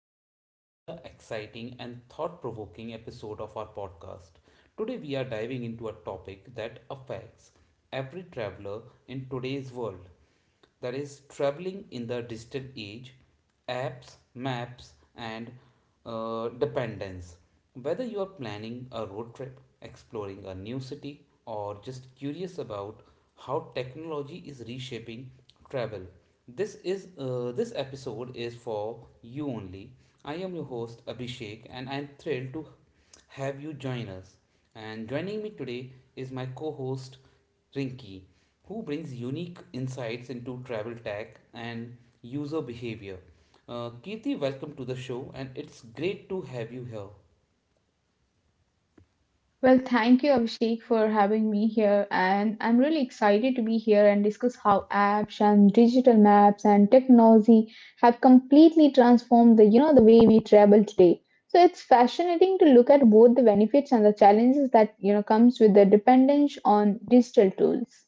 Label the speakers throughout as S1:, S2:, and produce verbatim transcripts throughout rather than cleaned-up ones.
S1: welcome to another exciting and thought provoking episode of our podcast. Today, we are diving into a topic that affects every traveler in today's world, that is traveling in the digital age: apps, maps, and uh, dependence. Whether you are planning a road trip, exploring a new city, or just curious about how technology is reshaping travel, this is uh, this episode is for you only. I am your host Abhishek, and I am thrilled to have you join us. And joining me today is my co host Rinki, who brings unique insights into travel tech and user behavior. Uh, Kirti, welcome to the show, and it's great to have you here.
S2: Well, thank you, Abhishek, for having me here. And I'm really excited to be here and discuss how apps and digital maps and technology have completely transformed the, you know, the way we travel today. So it's fascinating to look at both the benefits and the challenges that, you know, comes with the dependence on digital tools.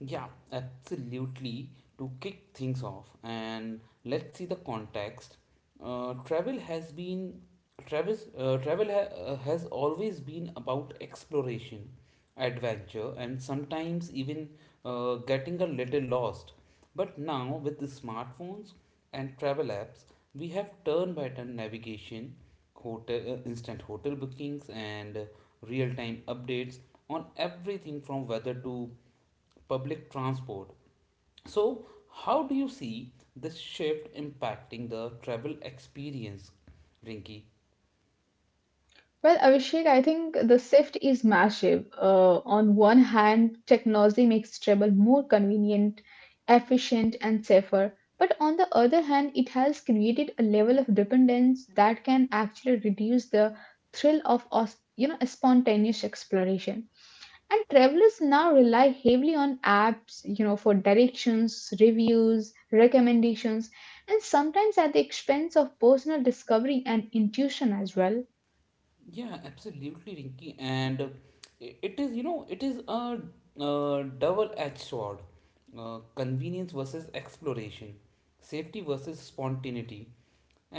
S1: Yeah, absolutely. To kick things off, and let's see the context. Uh, travel has been travels, uh, travel ha- uh, has always been about exploration, adventure, and sometimes even uh, getting a little lost. But now, with the smartphones and travel apps, we have turn by turn navigation, hotel, uh, instant hotel bookings, and uh, real time updates on everything from weather to public transport. So, how do you see this shift impacting the travel experience, Rinky?
S2: Well, Abhishek, I think the shift is massive. Uh, on one hand, technology makes travel more convenient, efficient, and safer. But on the other hand, it has created a level of dependence that can actually reduce the thrill of os- you know spontaneous exploration. And travelers now rely heavily on apps, you know, for directions, reviews, recommendations, and sometimes at the expense of personal discovery and intuition as well.
S1: Yeah, absolutely, Rinky. And uh, i- it is, you know, it is a, uh double-edged sword. Uh, convenience versus exploration, safety versus spontaneity.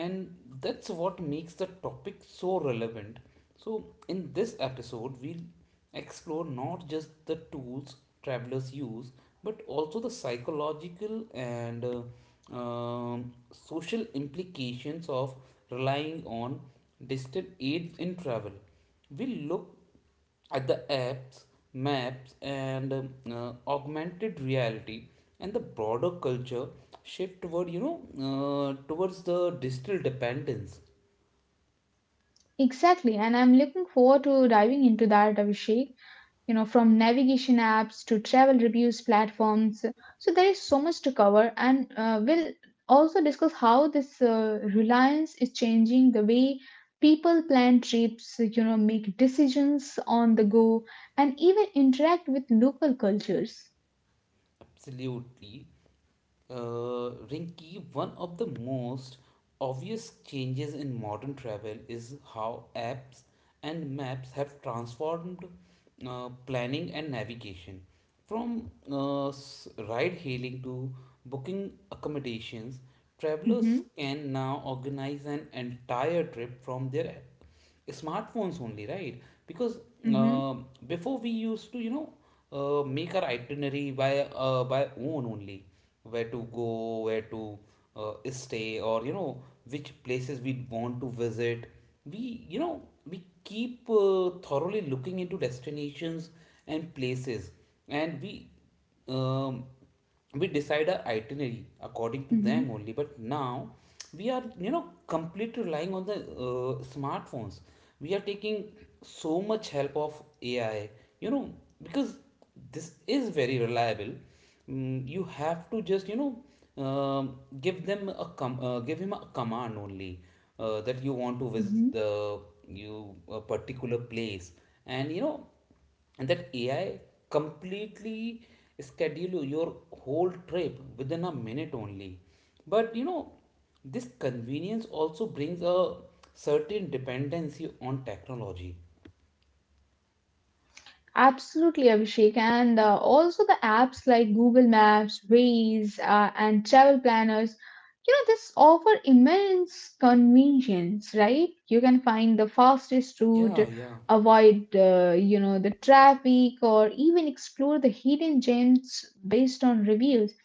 S1: And that's what makes the topic so relevant. So, in this episode, we'll explore not just the tools travelers use, but also the psychological and uh, um, social implications of relying on digital aids in travel. We'll look at the apps, maps, and um, uh, augmented reality, and the broader culture shift toward, you know, uh, towards the digital dependence.
S2: Exactly, and I'm looking forward to diving into that, Abhishek. You know, from navigation apps to travel reviews platforms. So there is so much to cover, and uh, we'll also discuss how this uh, reliance is changing the way people plan trips, you know, make decisions on the go, and even interact with local cultures.
S1: Absolutely. Uh, Rinki, one of the most obvious changes in modern travel is how apps and maps have transformed uh, planning and navigation. From uh, ride hailing to booking accommodations, travelers
S2: Mm-hmm,
S1: can now organize an entire trip from their app smartphones only, right? Because
S2: mm-hmm,
S1: um, before we used to, you know, uh, make our itinerary by uh, by own only. Where to go, where to uh, stay, or you know, which places we want to visit, we, you know, we keep uh, thoroughly looking into destinations and places, and we um, we decide our itinerary according to them
S2: mm-hmm,
S1: only. But now we are, you know, completely relying on the uh, smartphones. We are taking so much help of AI, you know, because this is very reliable. Mm, you have to just, you know, um, give them a com- uh, give him a command only, uh, that you want to
S2: mm-hmm.
S1: visit the you a particular place. And you know, and that AI completely schedule your whole trip within a minute only. But you know, this convenience also brings a certain dependency on technology.
S2: Absolutely, Abhishek. And uh, also the apps like Google Maps, Waze, uh, and travel planners, you know, this offer immense convenience, right? You can find the fastest route,
S1: Yeah, yeah.
S2: avoid, uh, you know, the traffic, or even explore the hidden gems based on reviews.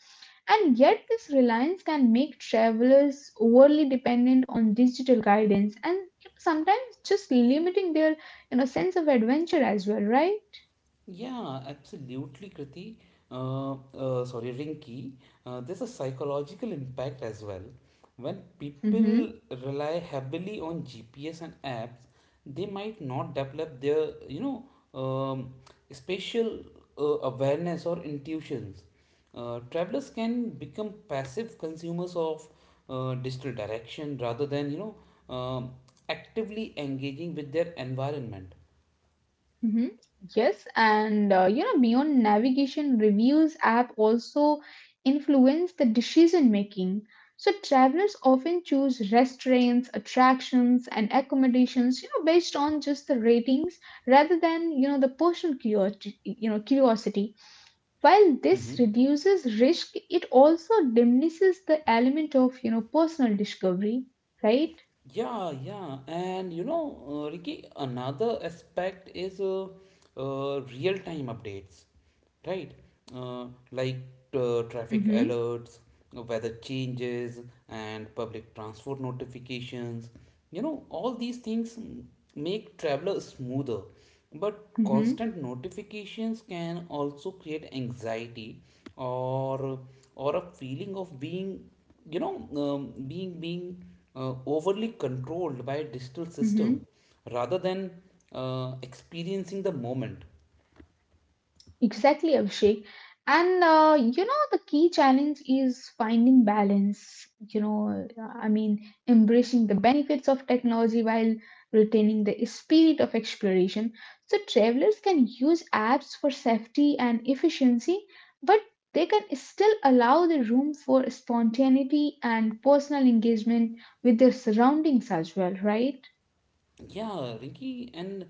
S2: And yet, this reliance can make travelers overly dependent on digital guidance and sometimes just limiting their, you know, sense of adventure as well, right?
S1: Yeah, absolutely, Kriti. Uh, uh, sorry, Rinki. Uh, there's a psychological impact as well. When
S2: Mm-hmm.
S1: people rely heavily on G P S and apps, they might not develop their, you know, um, spatial uh, awareness or intuitions. Uh, travelers can become passive consumers of uh, digital direction rather than, you know, um, actively engaging with their environment.
S2: Mm-hmm. Yes, and uh, you know, beyond navigation, reviews app also influence the decision making. So travelers often choose restaurants, attractions, and accommodations, you know, based on just the ratings rather than you know the personal curiosity. You know, curiosity. While this
S1: Mm-hmm.
S2: reduces risk, it also diminishes the element of you know personal discovery, right?
S1: Yeah, yeah, and you know, uh, Ricky, another aspect is uh, uh, real-time updates, right? Uh, like uh, traffic
S2: Mm-hmm.
S1: alerts, weather changes, and public transport notifications. You know, all these things mm, make travel smoother, but
S2: Mm-hmm.
S1: constant notifications can also create anxiety, or or a feeling of being, you know, um, being being uh, overly controlled by a digital
S2: Mm-hmm.
S1: system rather than uh, experiencing the moment.
S2: Exactly, Abhishek. And uh, you know, the key challenge is finding balance. You know, I mean, embracing the benefits of technology while retaining the spirit of exploration. So, travelers can use apps for safety and efficiency, but they can still allow the room for spontaneity and personal engagement with their surroundings as well, right?
S1: Yeah, Rinky, and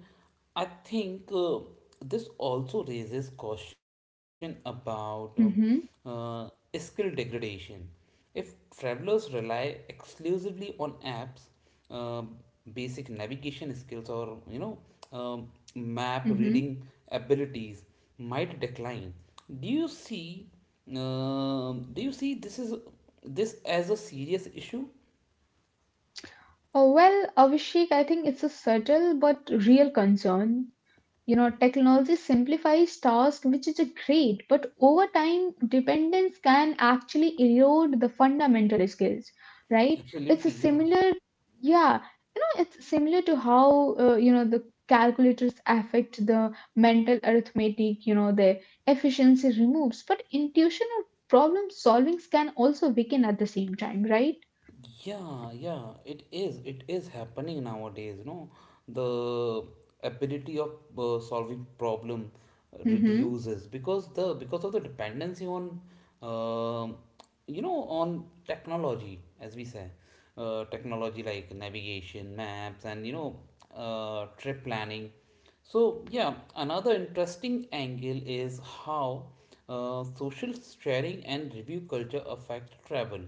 S1: I think uh, this also raises question about um,
S2: Mm-hmm.
S1: uh, skill degradation. If travelers rely exclusively on apps, um, basic navigation skills, or you know, um, map
S2: Mm-hmm.
S1: reading abilities might decline. Do you see? um do you see this is this as a serious issue?
S2: Oh, well, Abhishek, I think it's a subtle but real concern. You know, technology simplifies tasks, which is a great, but over time, dependence can actually erode the fundamental skills, right? It's a
S1: Absolutely, yeah.
S2: similar, yeah, you know, it's similar to how, uh, you know, the calculators affect the mental arithmetic, you know, the efficiency removes, but intuition or problem solvings can also weaken at the same time, right?
S1: Yeah, yeah, it is. It is happening nowadays. You know, the ability of uh, solving problem
S2: Mm-hmm,
S1: reduces because the because of the dependency on, um, you know, on technology, as we say, uh, technology like navigation, maps, and you know, uh, trip planning. So yeah, another interesting angle is how uh, social sharing and review culture affect travel.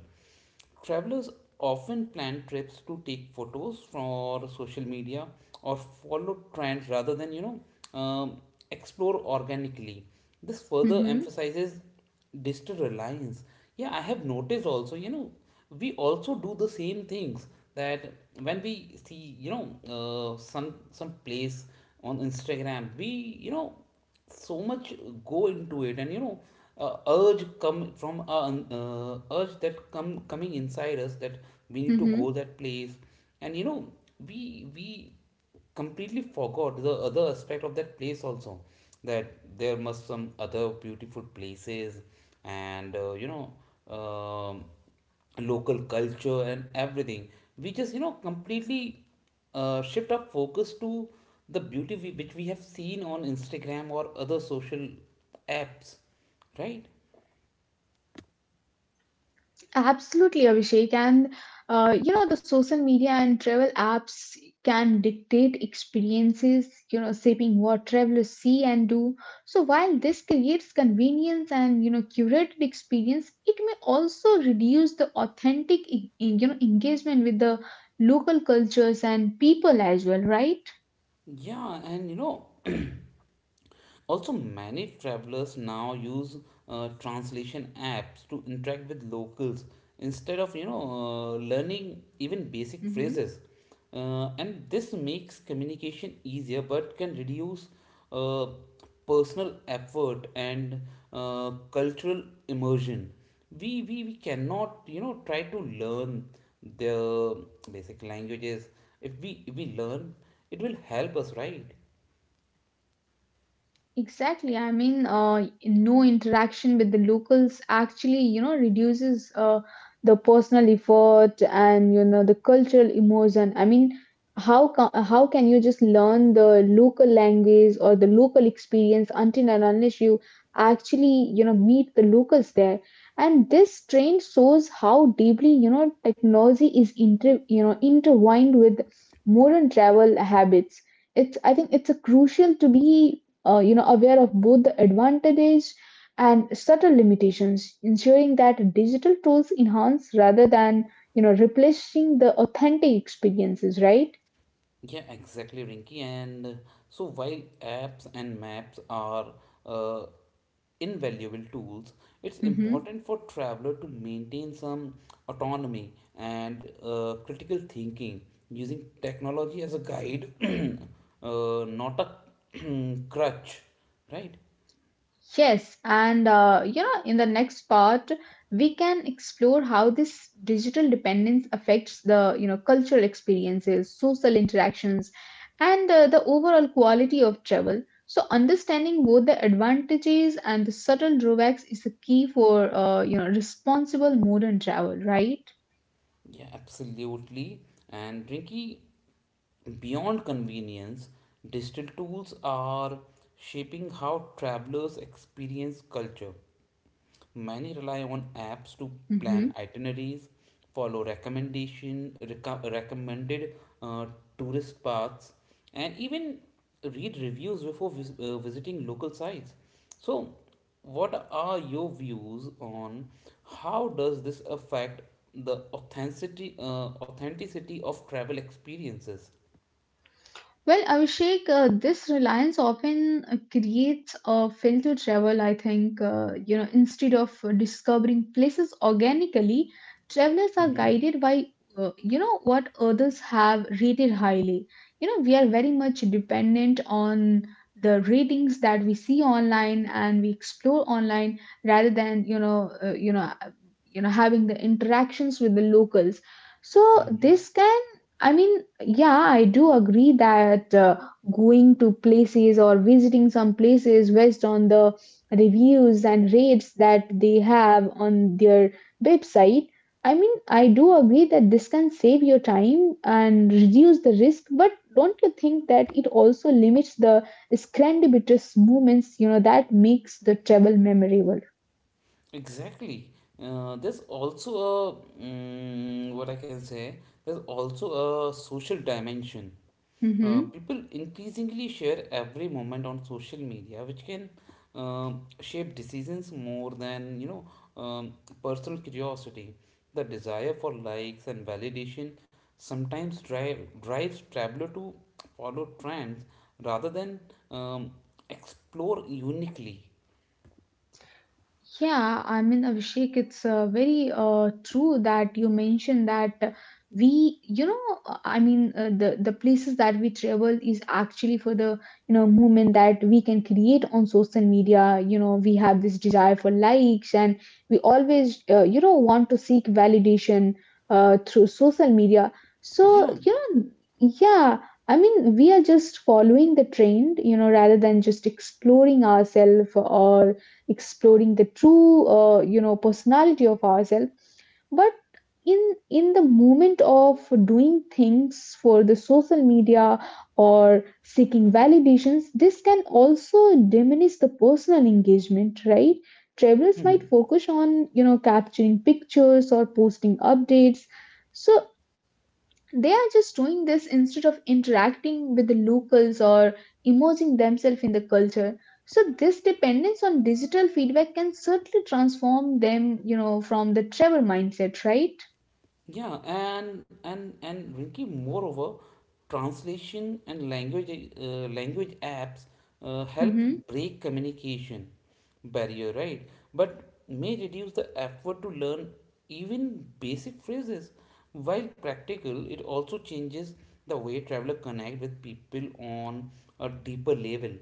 S1: Travelers often plan trips to take photos for social media or follow trends rather than, you know, um, explore organically. This further
S2: mm-hmm,
S1: emphasizes digital reliance. Yeah, I have noticed also, you know, we also do the same things, that when we see, you know, uh, some some place on Instagram, we, you know, so much go into it. And you know uh, urge come from uh, uh, urge that come coming inside us that we need to
S2: mm-hmm.
S1: go that place. And you know, we we completely forgot the other aspect of that place also, that there must some other beautiful places and uh, you know, um, local culture and everything. We just, you know, completely uh, shift our focus to the beauty we, which we have seen on Instagram or other social apps, right?
S2: Absolutely, Abhishek. And uh, you know the social media and travel apps can dictate experiences, you know, shaping what travelers see and do. So while this creates convenience and you know curated experience, it may also reduce the authentic e- e, you know engagement with the local cultures and people as well, right?
S1: Yeah, and you know, also, many travelers now use uh, translation apps to interact with locals instead of, you know, uh, learning even basic
S2: Mhm.
S1: phrases, uh, and this makes communication easier but can reduce uh, personal effort and uh, cultural immersion. We, we we cannot, you know, try to learn the basic languages. If we if we learn, it will help us, right?
S2: Exactly. I mean, uh, no interaction with the locals actually, you know, reduces uh, the personal effort and you know the cultural immersion. I mean, how ca how can you just learn the local language or the local experience until and unless you actually, you know, meet the locals there? And this trend shows how deeply, you know, technology is inter you know intertwined with modern travel habits. It's I think it's a crucial to be uh, you know, aware of both the advantages and subtle limitations, ensuring that digital tools enhance rather than, you know, replacing the authentic experiences, right?
S1: Yeah, exactly, Rinky. And uh, so while apps and maps are uh, invaluable tools, it's important for traveler to maintain some autonomy and uh, critical thinking, using technology as a guide, uh, not a crutch, right?
S2: Yes, and uh, you know, in the next part, we can explore how this digital dependence affects the you know cultural experiences, social interactions, and uh, the overall quality of travel. So, understanding both the advantages and the subtle drawbacks is the key for uh, you know responsible modern travel, right?
S1: Yeah, absolutely. And Rinky, beyond convenience, digital tools are shaping how travelers experience culture. Many rely on apps to
S2: Hmm.
S1: plan itineraries, follow recommendation reco- recommended uh, tourist paths, and even read reviews before vis- uh, visiting local sites. So, what are your views on how does this affect the authenticity uh, authenticity of travel experiences?
S2: Well, Abhishek, uh, this reliance often uh, creates a filtered travel, I think. Uh, you know, instead of uh, discovering places organically, travelers are
S1: Mm-hmm.
S2: guided by, uh, you know, what others have rated highly. You know, we are very much dependent on the ratings that we see online and we explore online rather than, you know, uh, you know, uh, you know, having the interactions with the locals. So
S1: Mm-hmm.
S2: this can I mean, yeah, I do agree that uh, going to places or visiting some places based on the reviews and rates that they have on their website. I mean, I do agree that this can save your time and reduce the risk, but don't you think that it also limits the serendipitous moments, you know, that makes the travel memorable?
S1: Exactly. Uh, there's also a mm, what I can say. There's also a social dimension. Uh,
S2: Mhm.
S1: people increasingly share every moment on social media, which can um, shape decisions more than, you know, um, personal curiosity. The desire for likes and validation sometimes drive drives traveler to follow trends rather than um, explore uniquely.
S2: Yeah, I mean, Abhishek, it's uh, very uh, true that you mentioned that we, you know, uh, I mean, uh, the the places that we travel is actually for the, you know, movement that we can create on social media. You know, we have this desire for likes, and we always, uh, you know, want to seek validation uh, through social media. So,
S1: Yeah.
S2: you know, yeah, I mean, we are just following the trend, you know, rather than just exploring ourselves or exploring the true uh, you know personality of ourselves, but in in the moment of doing things for the social media or seeking validations, this can also diminish the personal engagement, right? Travelers might
S1: Mm-hmm.
S2: focus on you know capturing pictures or posting updates, so they are just doing this instead of interacting with the locals or immersing themselves in the culture. So this dependence on digital feedback can certainly transform them you know from the travel mindset, right?
S1: Yeah, and and and Rinki, moreover, translation and language uh, language apps uh, help
S2: Hmm.
S1: break communication barrier, right? But may reduce the effort to learn even basic phrases. While practical, it also changes the way traveler connect with people on a deeper level.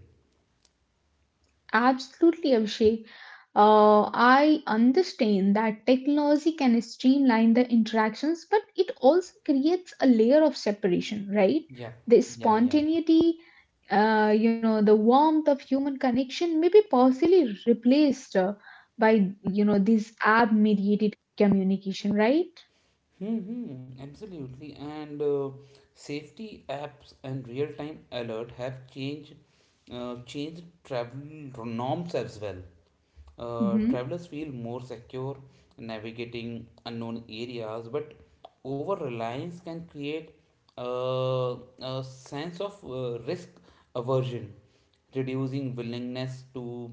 S2: Absolutely, Abhishek. Uh, I understand that technology can streamline the interactions, but it also creates a layer of separation, right?
S1: Yeah,
S2: The
S1: yeah, yeah, yeah.
S2: spontaneity, uh, you know, the warmth of human connection may be possibly replaced uh, by, you know, this app-mediated communication, right?
S1: Hmm, absolutely. And uh, safety apps and real-time alert have changed uh, changed travel norms as well. Uh,
S2: Mm-hmm.
S1: travelers feel more secure navigating unknown areas, but over reliance can create uh, a sense of uh, risk aversion, reducing willingness to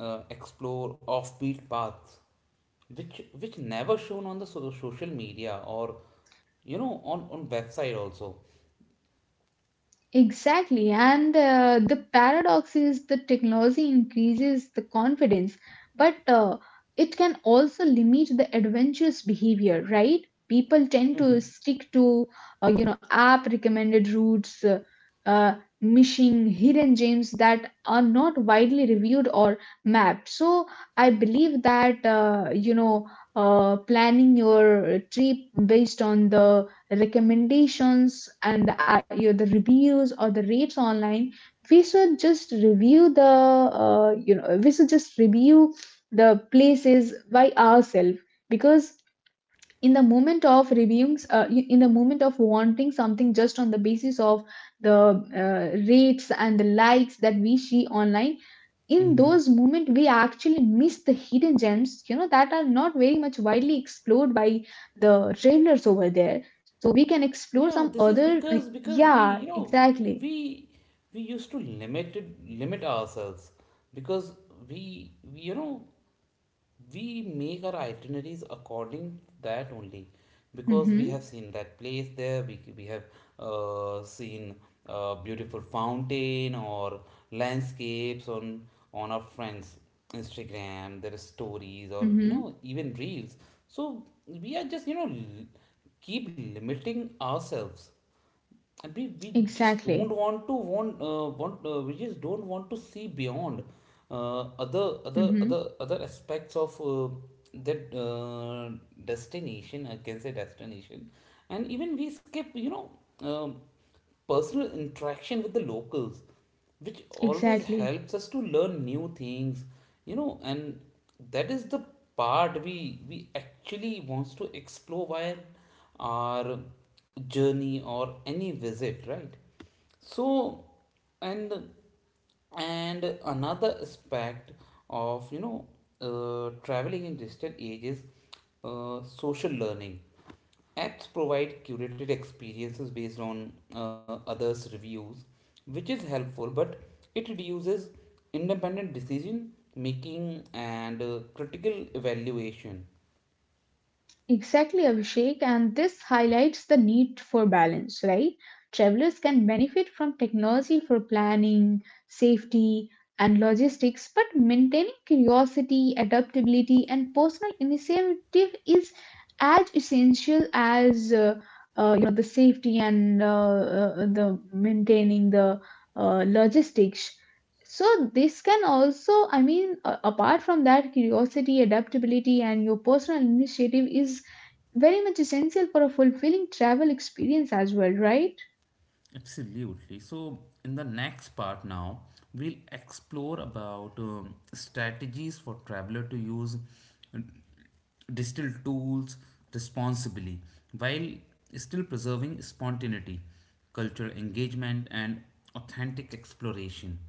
S1: uh, explore offbeat paths, which which never shown on the so- social media, or you know, on on website also.
S2: Exactly, and uh, the paradox is the technology increases the confidence, but uh, it can also limit the adventurous behavior, right? People tend to
S1: Mm-hmm.
S2: stick to uh, you know app recommended routes, uh, uh, missing hidden gems that are not widely reviewed or mapped. So I believe that uh, you know uh, planning your trip based on the recommendations and the, uh, you know, the reviews or the rates online, we should just review the uh, you know we should just review the places by ourselves, because in the moment of reviewing uh, in the moment of wanting something just on the basis of the uh, rates and the likes that we see online, in
S1: Mm-hmm.
S2: those moments we actually miss the hidden gems you know that are not very much widely explored by the trailers over there, so we can
S1: Yeah,
S2: explore
S1: this
S2: some
S1: is
S2: other
S1: because
S2: uh,
S1: because we, you
S2: yeah
S1: know,
S2: exactly.
S1: we we used to limit it, limit ourselves, because we, we you know, we make our itineraries according to that only, because we have
S2: Mm-hmm,
S1: seen that place there. We, we have uh, seen uh, beautiful fountain or landscapes on on our friends Instagram, their stories, or you
S2: mm-hmm,
S1: know, even reels. So we are just, you know, l- keep limiting ourselves. And we, we just don't
S2: exactly.
S1: want to want uh, want uh, we just don't want to see beyond uh, other other
S2: Mm-hmm,
S1: other other aspects of uh, that uh, destination, I can say, destination. And even we skip, you know, um, personal interaction with the locals, which always
S2: exactly.
S1: helps us to learn new things. You know, and that is the part we we actually wants to explore while our journey or any visit, right? So, and and another aspect of, you know, uh, traveling in distant age is uh, social learning. Apps provide curated experiences based on uh, others reviews, which is helpful, but it reduces independent decision making and uh, critical evaluation.
S2: Exactly, Abhishek, and this highlights the need for balance, right? Travelers can benefit from technology for planning, safety, and logistics, but maintaining curiosity, adaptability, and personal initiative is as essential as uh, uh, you know the safety and uh, uh, the maintaining the uh, logistics. So this can also, I mean, uh, apart from that, curiosity, adaptability, and your personal initiative is very much essential for a fulfilling travel experience as well, right?
S1: Absolutely. So, in the next part now, we'll explore about um, strategies for traveler to use uh, digital tools responsibly while still preserving spontaneity, cultural engagement, and authentic exploration.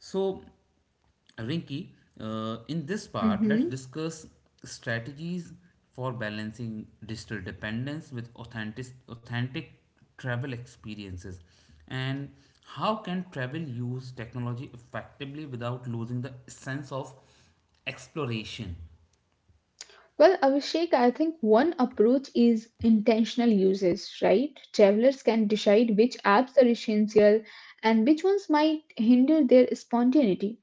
S1: So, Rinki, uh, in this part, let's
S2: Hmm.
S1: discuss strategies for balancing digital dependence with authentic, authentic travel experiences, and how can travel use technology effectively without losing the sense of exploration.
S2: Well, Abhishek, I think one approach is intentional uses, right? Travelers can decide which apps are essential and which ones might hinder their spontaneity.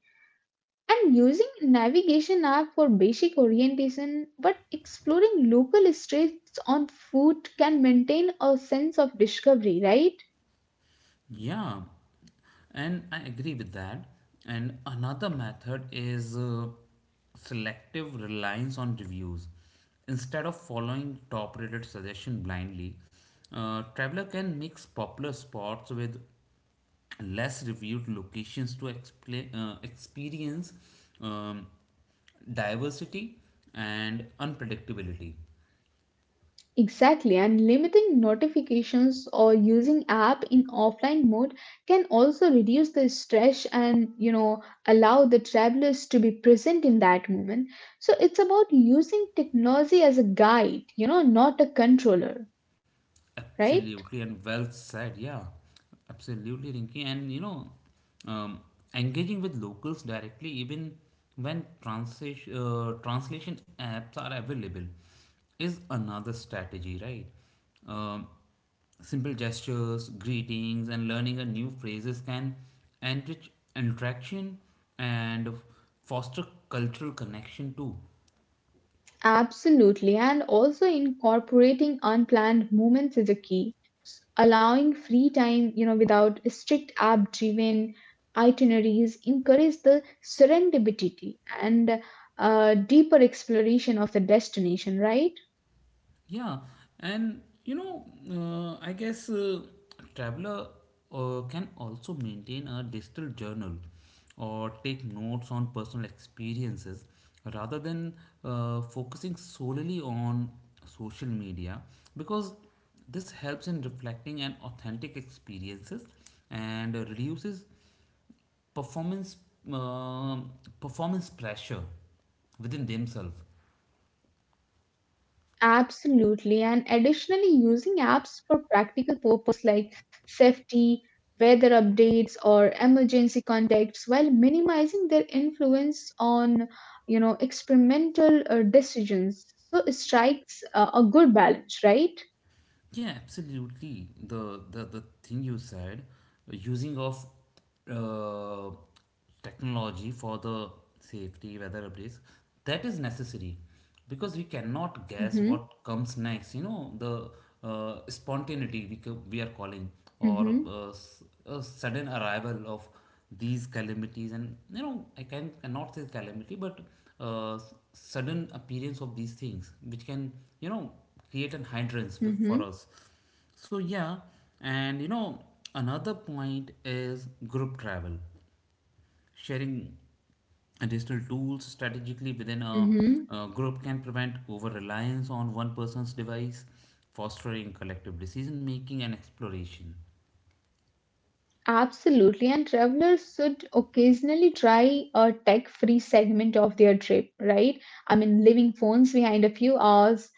S2: And using navigation app for basic orientation, but exploring local streets on foot can maintain a sense of discovery, right?
S1: Yeah, and I agree with that. And another method is uh, selective reliance on reviews. Instead of following top rated suggestion blindly, uh, traveler can mix popular spots with less reviewed locations to expla- uh, experience um, diversity and unpredictability.
S2: Exactly, and limiting notifications or using app in offline mode can also reduce the stress and you know allow the travelers to be present in that moment. So it's about using technology as a guide, you know, not a controller, right?
S1: Absolutely, and well said. Yeah, absolutely, Rinki. And you know, um, engaging with locals directly, even when translation uh, translation apps are available, is another strategy, right? Um, simple gestures, greetings, and learning a new phrases can enrich interaction and foster cultural connection too.
S2: Absolutely, and also incorporating unplanned moments is a key. Allowing free time you know without strict app driven itineraries encourage the serendipity and uh, deeper exploration of the destination, right?
S1: Yeah, and you know, uh, I guess uh, traveler uh, can also maintain a digital journal or take notes on personal experiences rather than uh, focusing solely on social media because this helps in reflecting an authentic experiences and reduces performance um performance pressure within themselves.
S2: Absolutely, and additionally using apps for practical purpose like safety, weather updates, or emergency contacts while minimizing their influence on you know experimental uh, decisions, so it strikes uh, a good balance, right?
S1: Yeah, absolutely. The the, the thing you said, uh, using of uh, technology for the safety, weather updates, that is necessary because we cannot guess
S2: Mm-hmm,
S1: what comes next. You know, the uh, spontaneity we, ca- we are calling or
S2: mm-hmm,
S1: uh, s- a sudden arrival of these calamities, and you know, I can cannot say calamity but uh, s- sudden appearance of these things which can, you know, create an hindrance with- for
S2: mm-hmm.
S1: us. So yeah, and you know, another point is group travel. Sharing additional tools strategically within a,
S2: Hmm.
S1: a group can prevent over reliance on one person's device, fostering collective decision making and exploration.
S2: Absolutely. And travelers should occasionally try a tech-free segment of their trip, right? I mean, leaving phones behind a few hours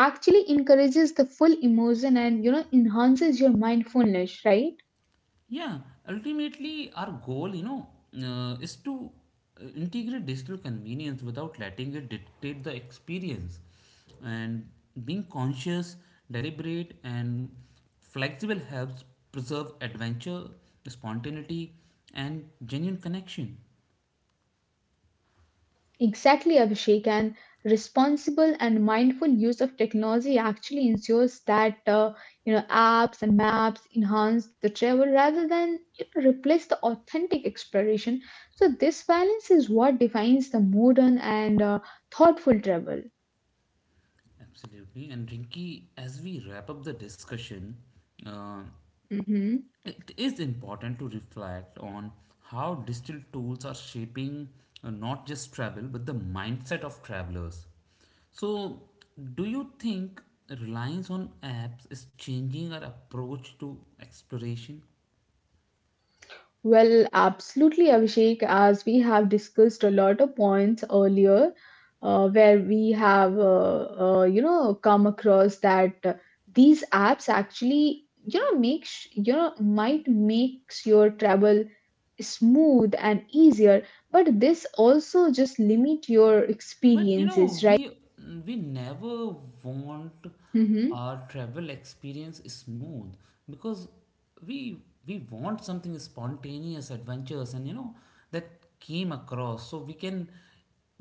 S2: actually encourages the full immersion and, you know, enhances your mindfulness, right?
S1: Yeah, ultimately, our goal, you know, uh, is to uh, integrate digital convenience without letting it dictate the experience. And being conscious, deliberate, and flexible helps preserve adventure, spontaneity, and genuine connection.
S2: Exactly, Abhishek. And responsible and mindful use of technology actually ensures that uh, you know apps and maps enhance the travel rather than you know, replace the authentic exploration. So this balance is what defines the modern and uh, thoughtful travel.
S1: Absolutely. And Rinky, as we wrap up the discussion, uh,
S2: Mhm.
S1: it is important to reflect on how digital tools are shaping uh, not just travel but the mindset of travelers. So, do you think reliance on apps is changing our approach to exploration?
S2: Well, absolutely, Abhishek. As we have discussed a lot of points earlier, uh, where we have, uh, uh, you know, come across that uh, these apps actually, you know, makes you know might makes your travel smooth and easier, but this also just limit your
S1: But you
S2: experiences,
S1: know,
S2: right?
S1: we we never want
S2: Mm-hmm.
S1: our travel experience smooth because we we want something spontaneous, adventures, and you know that came across. So we can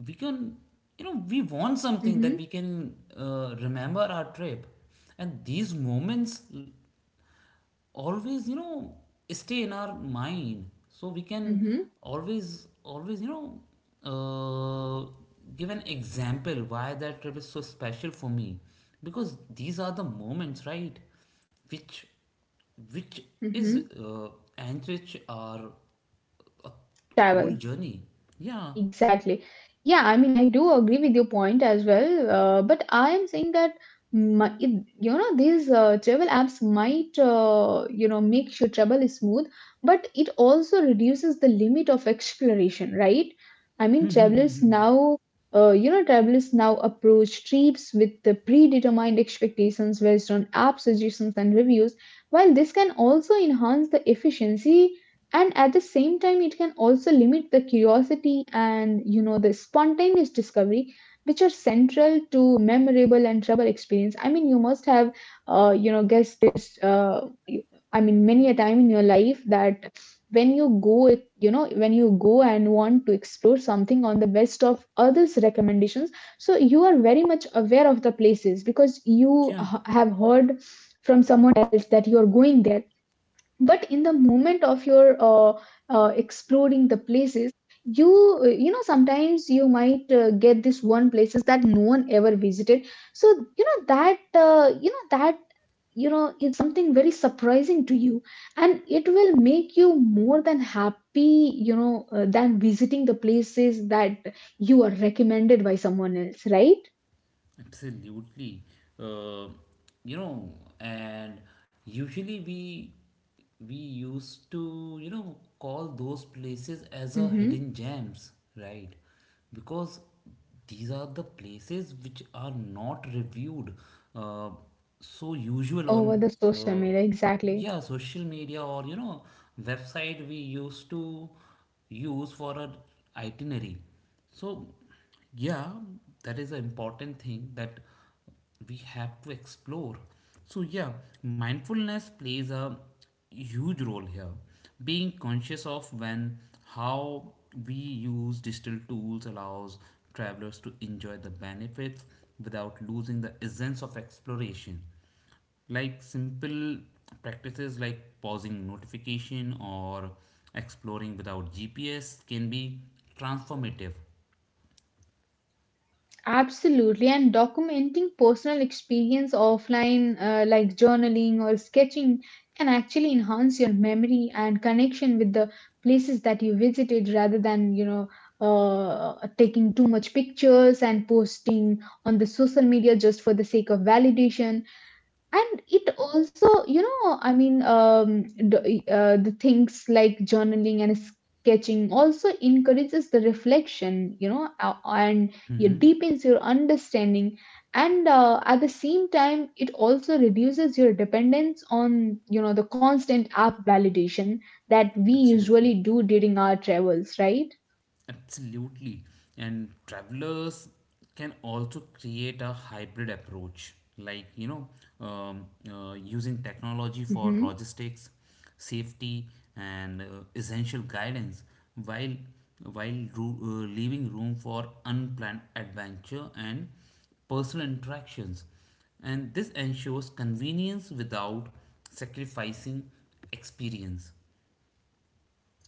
S1: we can you know, we want something that
S2: Mm-hmm.
S1: we can uh, remember our trip, and these moments always, you know, stay in our mind so we can
S2: Mm-hmm.
S1: always, always you know, uh, give an example why that trip is so special for me because these are the moments, right, which which is
S2: Mm-hmm.
S1: uh, enrich our whole
S2: Travel.
S1: journey. yeah
S2: Exactly. Yeah, I mean, I do agree with your point as well. Uh, but I am saying that my, it, you know these uh, travel apps might uh, you know make your travel smooth, but it also reduces the limit of exploration, right? I mean, travelers now uh, you know travelers now approach trips with the predetermined expectations based on app suggestions and reviews. While this can also enhance the efficiency, and at the same time it can also limit the curiosity and you know the spontaneous discovery which are central to memorable and travel experience. I mean, you must have uh, you know guessed this uh, you- I mean, many a time in your life that when you go, you know when you go and want to explore something on the best of others recommendations, so you are very much aware of the places because you
S1: yeah
S2: h- have heard from someone else that you are going there. But in the moment of your uh, uh, exploring the places, you uh, you know sometimes you might uh, get this one places that no one ever visited. So you know that uh, you know that you know is something very surprising to you, and it will make you more than happy, you know uh, than visiting the places that you are recommended by someone else, right?
S1: Absolutely. Uh, you know, and usually we we used to, you know, call those places as a
S2: Hmm.
S1: hidden gems, right? Because these are the places which are not reviewed uh, so usual
S2: Over
S1: on
S2: the social
S1: uh,
S2: media, exactly.
S1: yeah, social media or you know, website we used to use for our itinerary. So yeah, that is an important thing that we have to explore. So, yeah, mindfulness plays a huge role here. Being conscious of when, how we use digital tools allows travelers to enjoy the benefits without losing the essence of exploration. Like simple practices like pausing notification or exploring without G P S can be transformative.
S2: Absolutely, and documenting personal experience offline, uh, like journaling or sketching, can actually enhance your memory and connection with the places that you visited rather than, you know, uh, taking too much pictures and posting on the social media just for the sake of validation. And it also you know i mean um the, uh, the things like journaling and sketching also encourages the reflection, you know uh, and it
S1: Mhm.
S2: deepens your understanding. And uh, at the same time it also reduces your dependence on you know the constant app validation that we
S1: Absolutely,
S2: usually do during our travels, right?
S1: absolutely. And travelers can also create a hybrid approach, like you know, um, uh, using technology for
S2: Hmm.
S1: logistics, safety, and uh, essential guidance, while while ru- uh, leaving room for unplanned adventure and personal interactions. And this ensures convenience without sacrificing experience.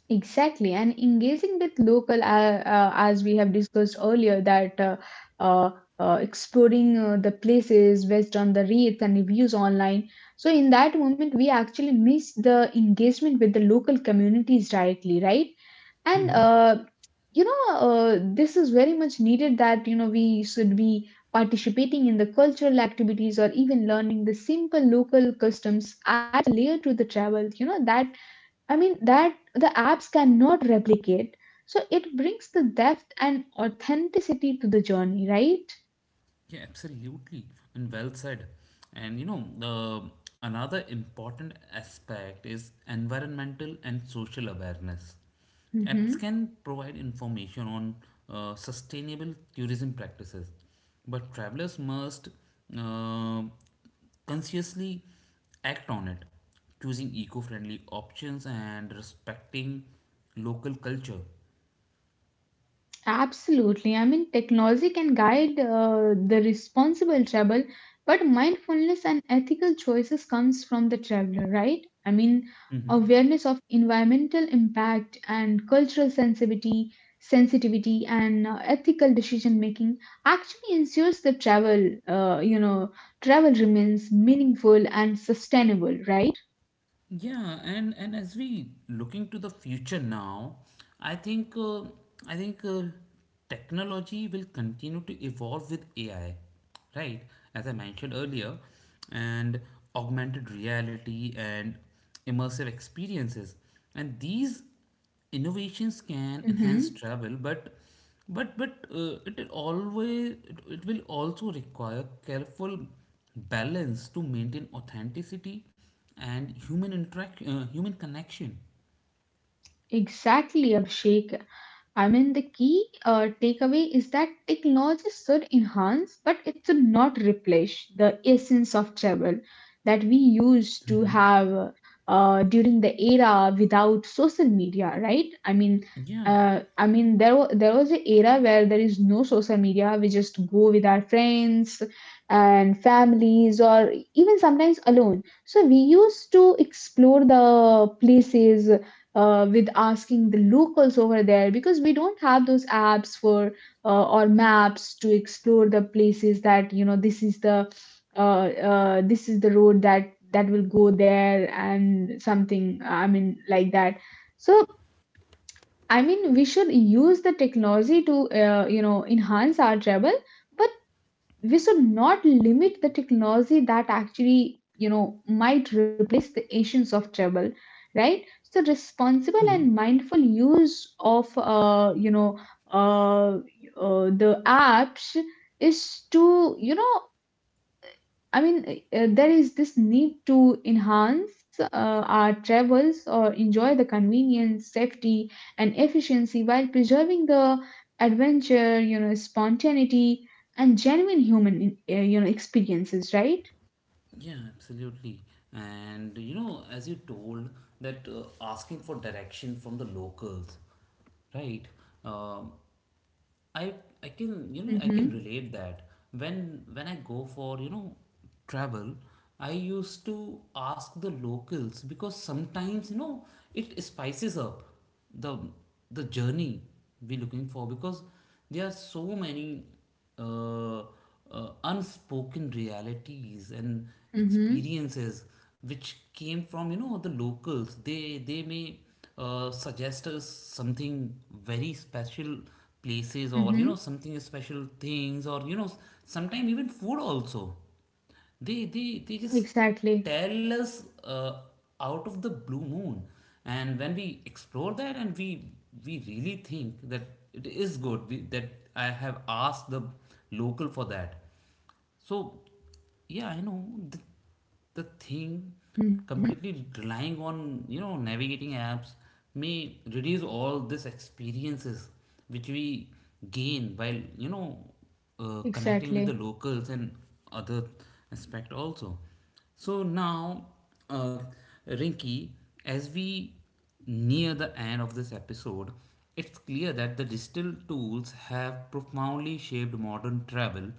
S2: Exactly, and engaging with local, uh, uh, as we have discussed earlier, that uh, uh, uh, exploring uh, the places based on the rates and reviews online. So, in that moment, we actually miss the engagement with the local communities directly, right? And
S1: Hmm.
S2: uh, you know, uh, this is very much needed that you know we should be participating in the cultural activities or even learning the simple local customs adds a layer to the travel. You know that I mean that the apps cannot replicate. So it brings the depth and authenticity to the journey, right?
S1: Yeah, absolutely, and well said. And you know, the another important aspect is environmental and social awareness. Apps
S2: Mm-hmm.
S1: can provide information on uh, sustainable tourism practices, but travelers must uh, consciously act on it, choosing eco-friendly options and respecting local culture.
S2: Absolutely. I mean, technology can guide uh, the responsible travel, but mindfulness and ethical choices comes from the traveler, right? I mean,
S1: Mhm.
S2: awareness of environmental impact and cultural sensitivity, sensitivity and uh, ethical decision making actually ensures the travel, uh, you know, travel remains meaningful and sustainable, right?
S1: Yeah, and and as we looking to the future now, I think uh, I think uh, technology will continue to evolve with A I, right? As I mentioned earlier, and augmented reality and immersive experiences, and these innovations can enhance
S2: Mm-hmm.
S1: travel, but but but uh, it will always it, it will also require careful balance to maintain authenticity and human interact uh, human connection.
S2: Exactly, Abhishek. I mean, the key uh, takeaway is that technology should enhance, but it should not replace the essence of travel that we used to have uh, during the era without social media, right? I mean,
S1: Yeah.
S2: uh, I mean, there wa- there was an era where there is no social media. We just go with our friends and families, or even sometimes alone. So we used to explore the places uh, with asking the locals over there because we don't have those apps for uh, or maps to explore the places that you know this is the uh, uh, this is the road that that will go there and something, I mean, like that. So I mean we should use the technology to uh, you know enhance our travel, but we should not limit the technology that actually you know might replace the essence of travel, right? So responsible and
S1: Hmm.
S2: mindful use of uh, you know uh, uh, the apps is to you know I mean, uh, there is this need to enhance uh, our travels or enjoy the convenience, safety, and efficiency while preserving the adventure, you know, spontaneity, and genuine human, uh, you know, experiences, right?
S1: Yeah, absolutely, and you know, as you told that uh, asking for direction from the locals, right, um, I I can, you know, I can
S2: Mm-hmm.
S1: relate that when when I go for, you know, travel, I used to ask the locals because sometimes, you know, it spices up the the journey we're looking for because there are so many uh, uh, unspoken realities and
S2: Mm-hmm.
S1: experiences which came from, you know, the locals. They they may uh, suggest us something very special places or you know,
S2: Mm-hmm.
S1: something special things or you know, sometimes even food also. They they they just
S2: Exactly.
S1: tell us uh, out of the blue moon, and when we explore that, and we we really think that it is good we, that I have asked the local for that. So yeah, I know the, the thing
S2: Mm-hmm.
S1: completely relying on, you know, navigating apps may reduce all these experiences which we gain while, you know, uh, connecting with the
S2: Exactly.
S1: locals and other aspect also. So now, uh, Rinky, as we near the end of this episode, it's clear that the digital tools have profoundly shaped modern travel,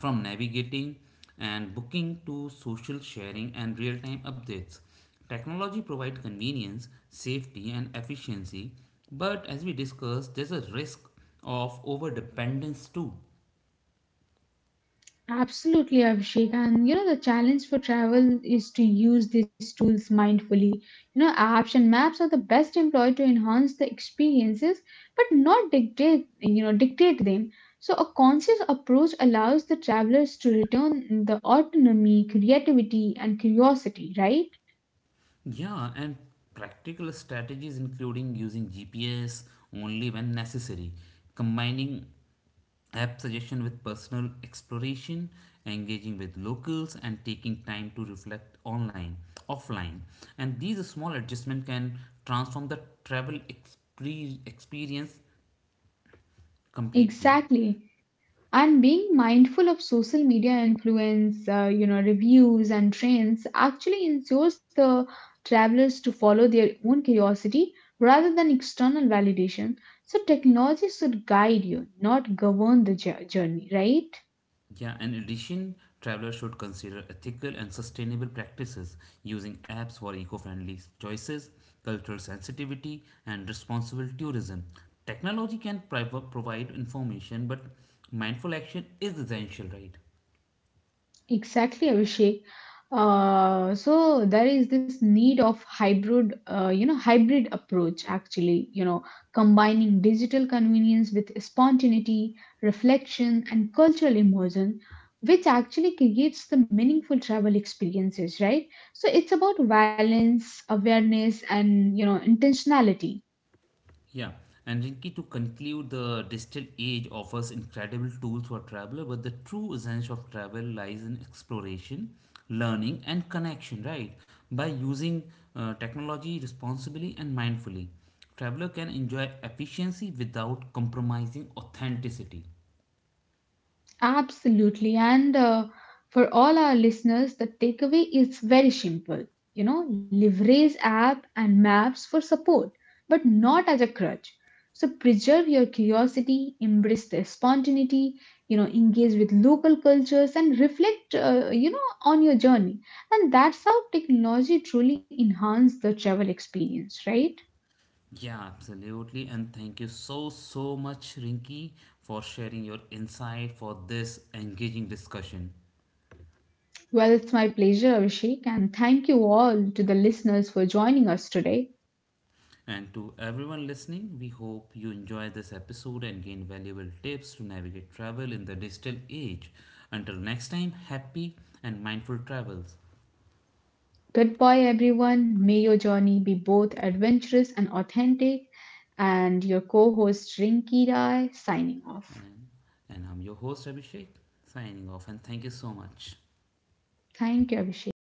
S1: from navigating and booking to social sharing and real-time updates. Technology provides convenience, safety, and efficiency, but as we discussed, there's a risk of overdependence too.
S2: Absolutely, Abhishek. And you know, the challenge for travel is to use these tools mindfully. You know, apps and maps are the best employed to enhance the experiences, but not dictate, you know, dictate them. So a conscious approach allows the travelers to return the autonomy, creativity, and curiosity, right?
S1: Yeah, and practical strategies including using G P S only when necessary, combining app suggestion with personal exploration, engaging with locals, and taking time to reflect online offline, and these small adjustments can transform the travel expre- experience completely.
S2: Exactly. And being mindful of social media influence, uh, you know, reviews and trends actually ensures the travelers to follow their own curiosity rather than external validation. So technology should guide you, not govern the jour- journey, right?
S1: Yeah, in addition, travelers should consider ethical and sustainable practices, using apps for eco-friendly choices, cultural sensitivity, and responsible tourism. Technology can priv- provide information but mindful action is essential, right?
S2: Exactly, Abhishek. Uh, so there is this need of hybrid, uh, you know, hybrid approach actually, you know, combining digital convenience with spontaneity, reflection, and cultural immersion, which actually creates the meaningful travel experiences, right? So it's about balance, awareness, and you know, intentionality.
S1: Yeah, and Rinki, to conclude, the digital age offers incredible tools for traveler, but the true essence of travel lies in exploration, learning, and connection, right? By using uh, technology responsibly and mindfully, traveler can enjoy efficiency without compromising authenticity.
S2: Absolutely. And uh, for all our listeners, the takeaway is very simple. You know, leverage app and maps for support, but not as a crutch. So preserve your curiosity, embrace the spontaneity, you know, engage with local cultures and reflect, uh, you know, on your journey. And that's how technology truly enhances the travel experience, right?
S1: Yeah, absolutely. And thank you so, so much, Rinki, for sharing your insight for this engaging discussion.
S2: Well, it's my pleasure, Abhishek, and thank you all to the listeners for joining us today.
S1: And to everyone listening, we hope you enjoy this episode and gain valuable tips to navigate travel in the digital age. Until next time, happy and mindful travels.
S2: Goodbye, everyone. May your journey be both adventurous and authentic. And your co host Rinky Rai signing off.
S1: And, and I'm your host, Abhishek, signing off, and thank you so much.
S2: Thank you, Abhishek.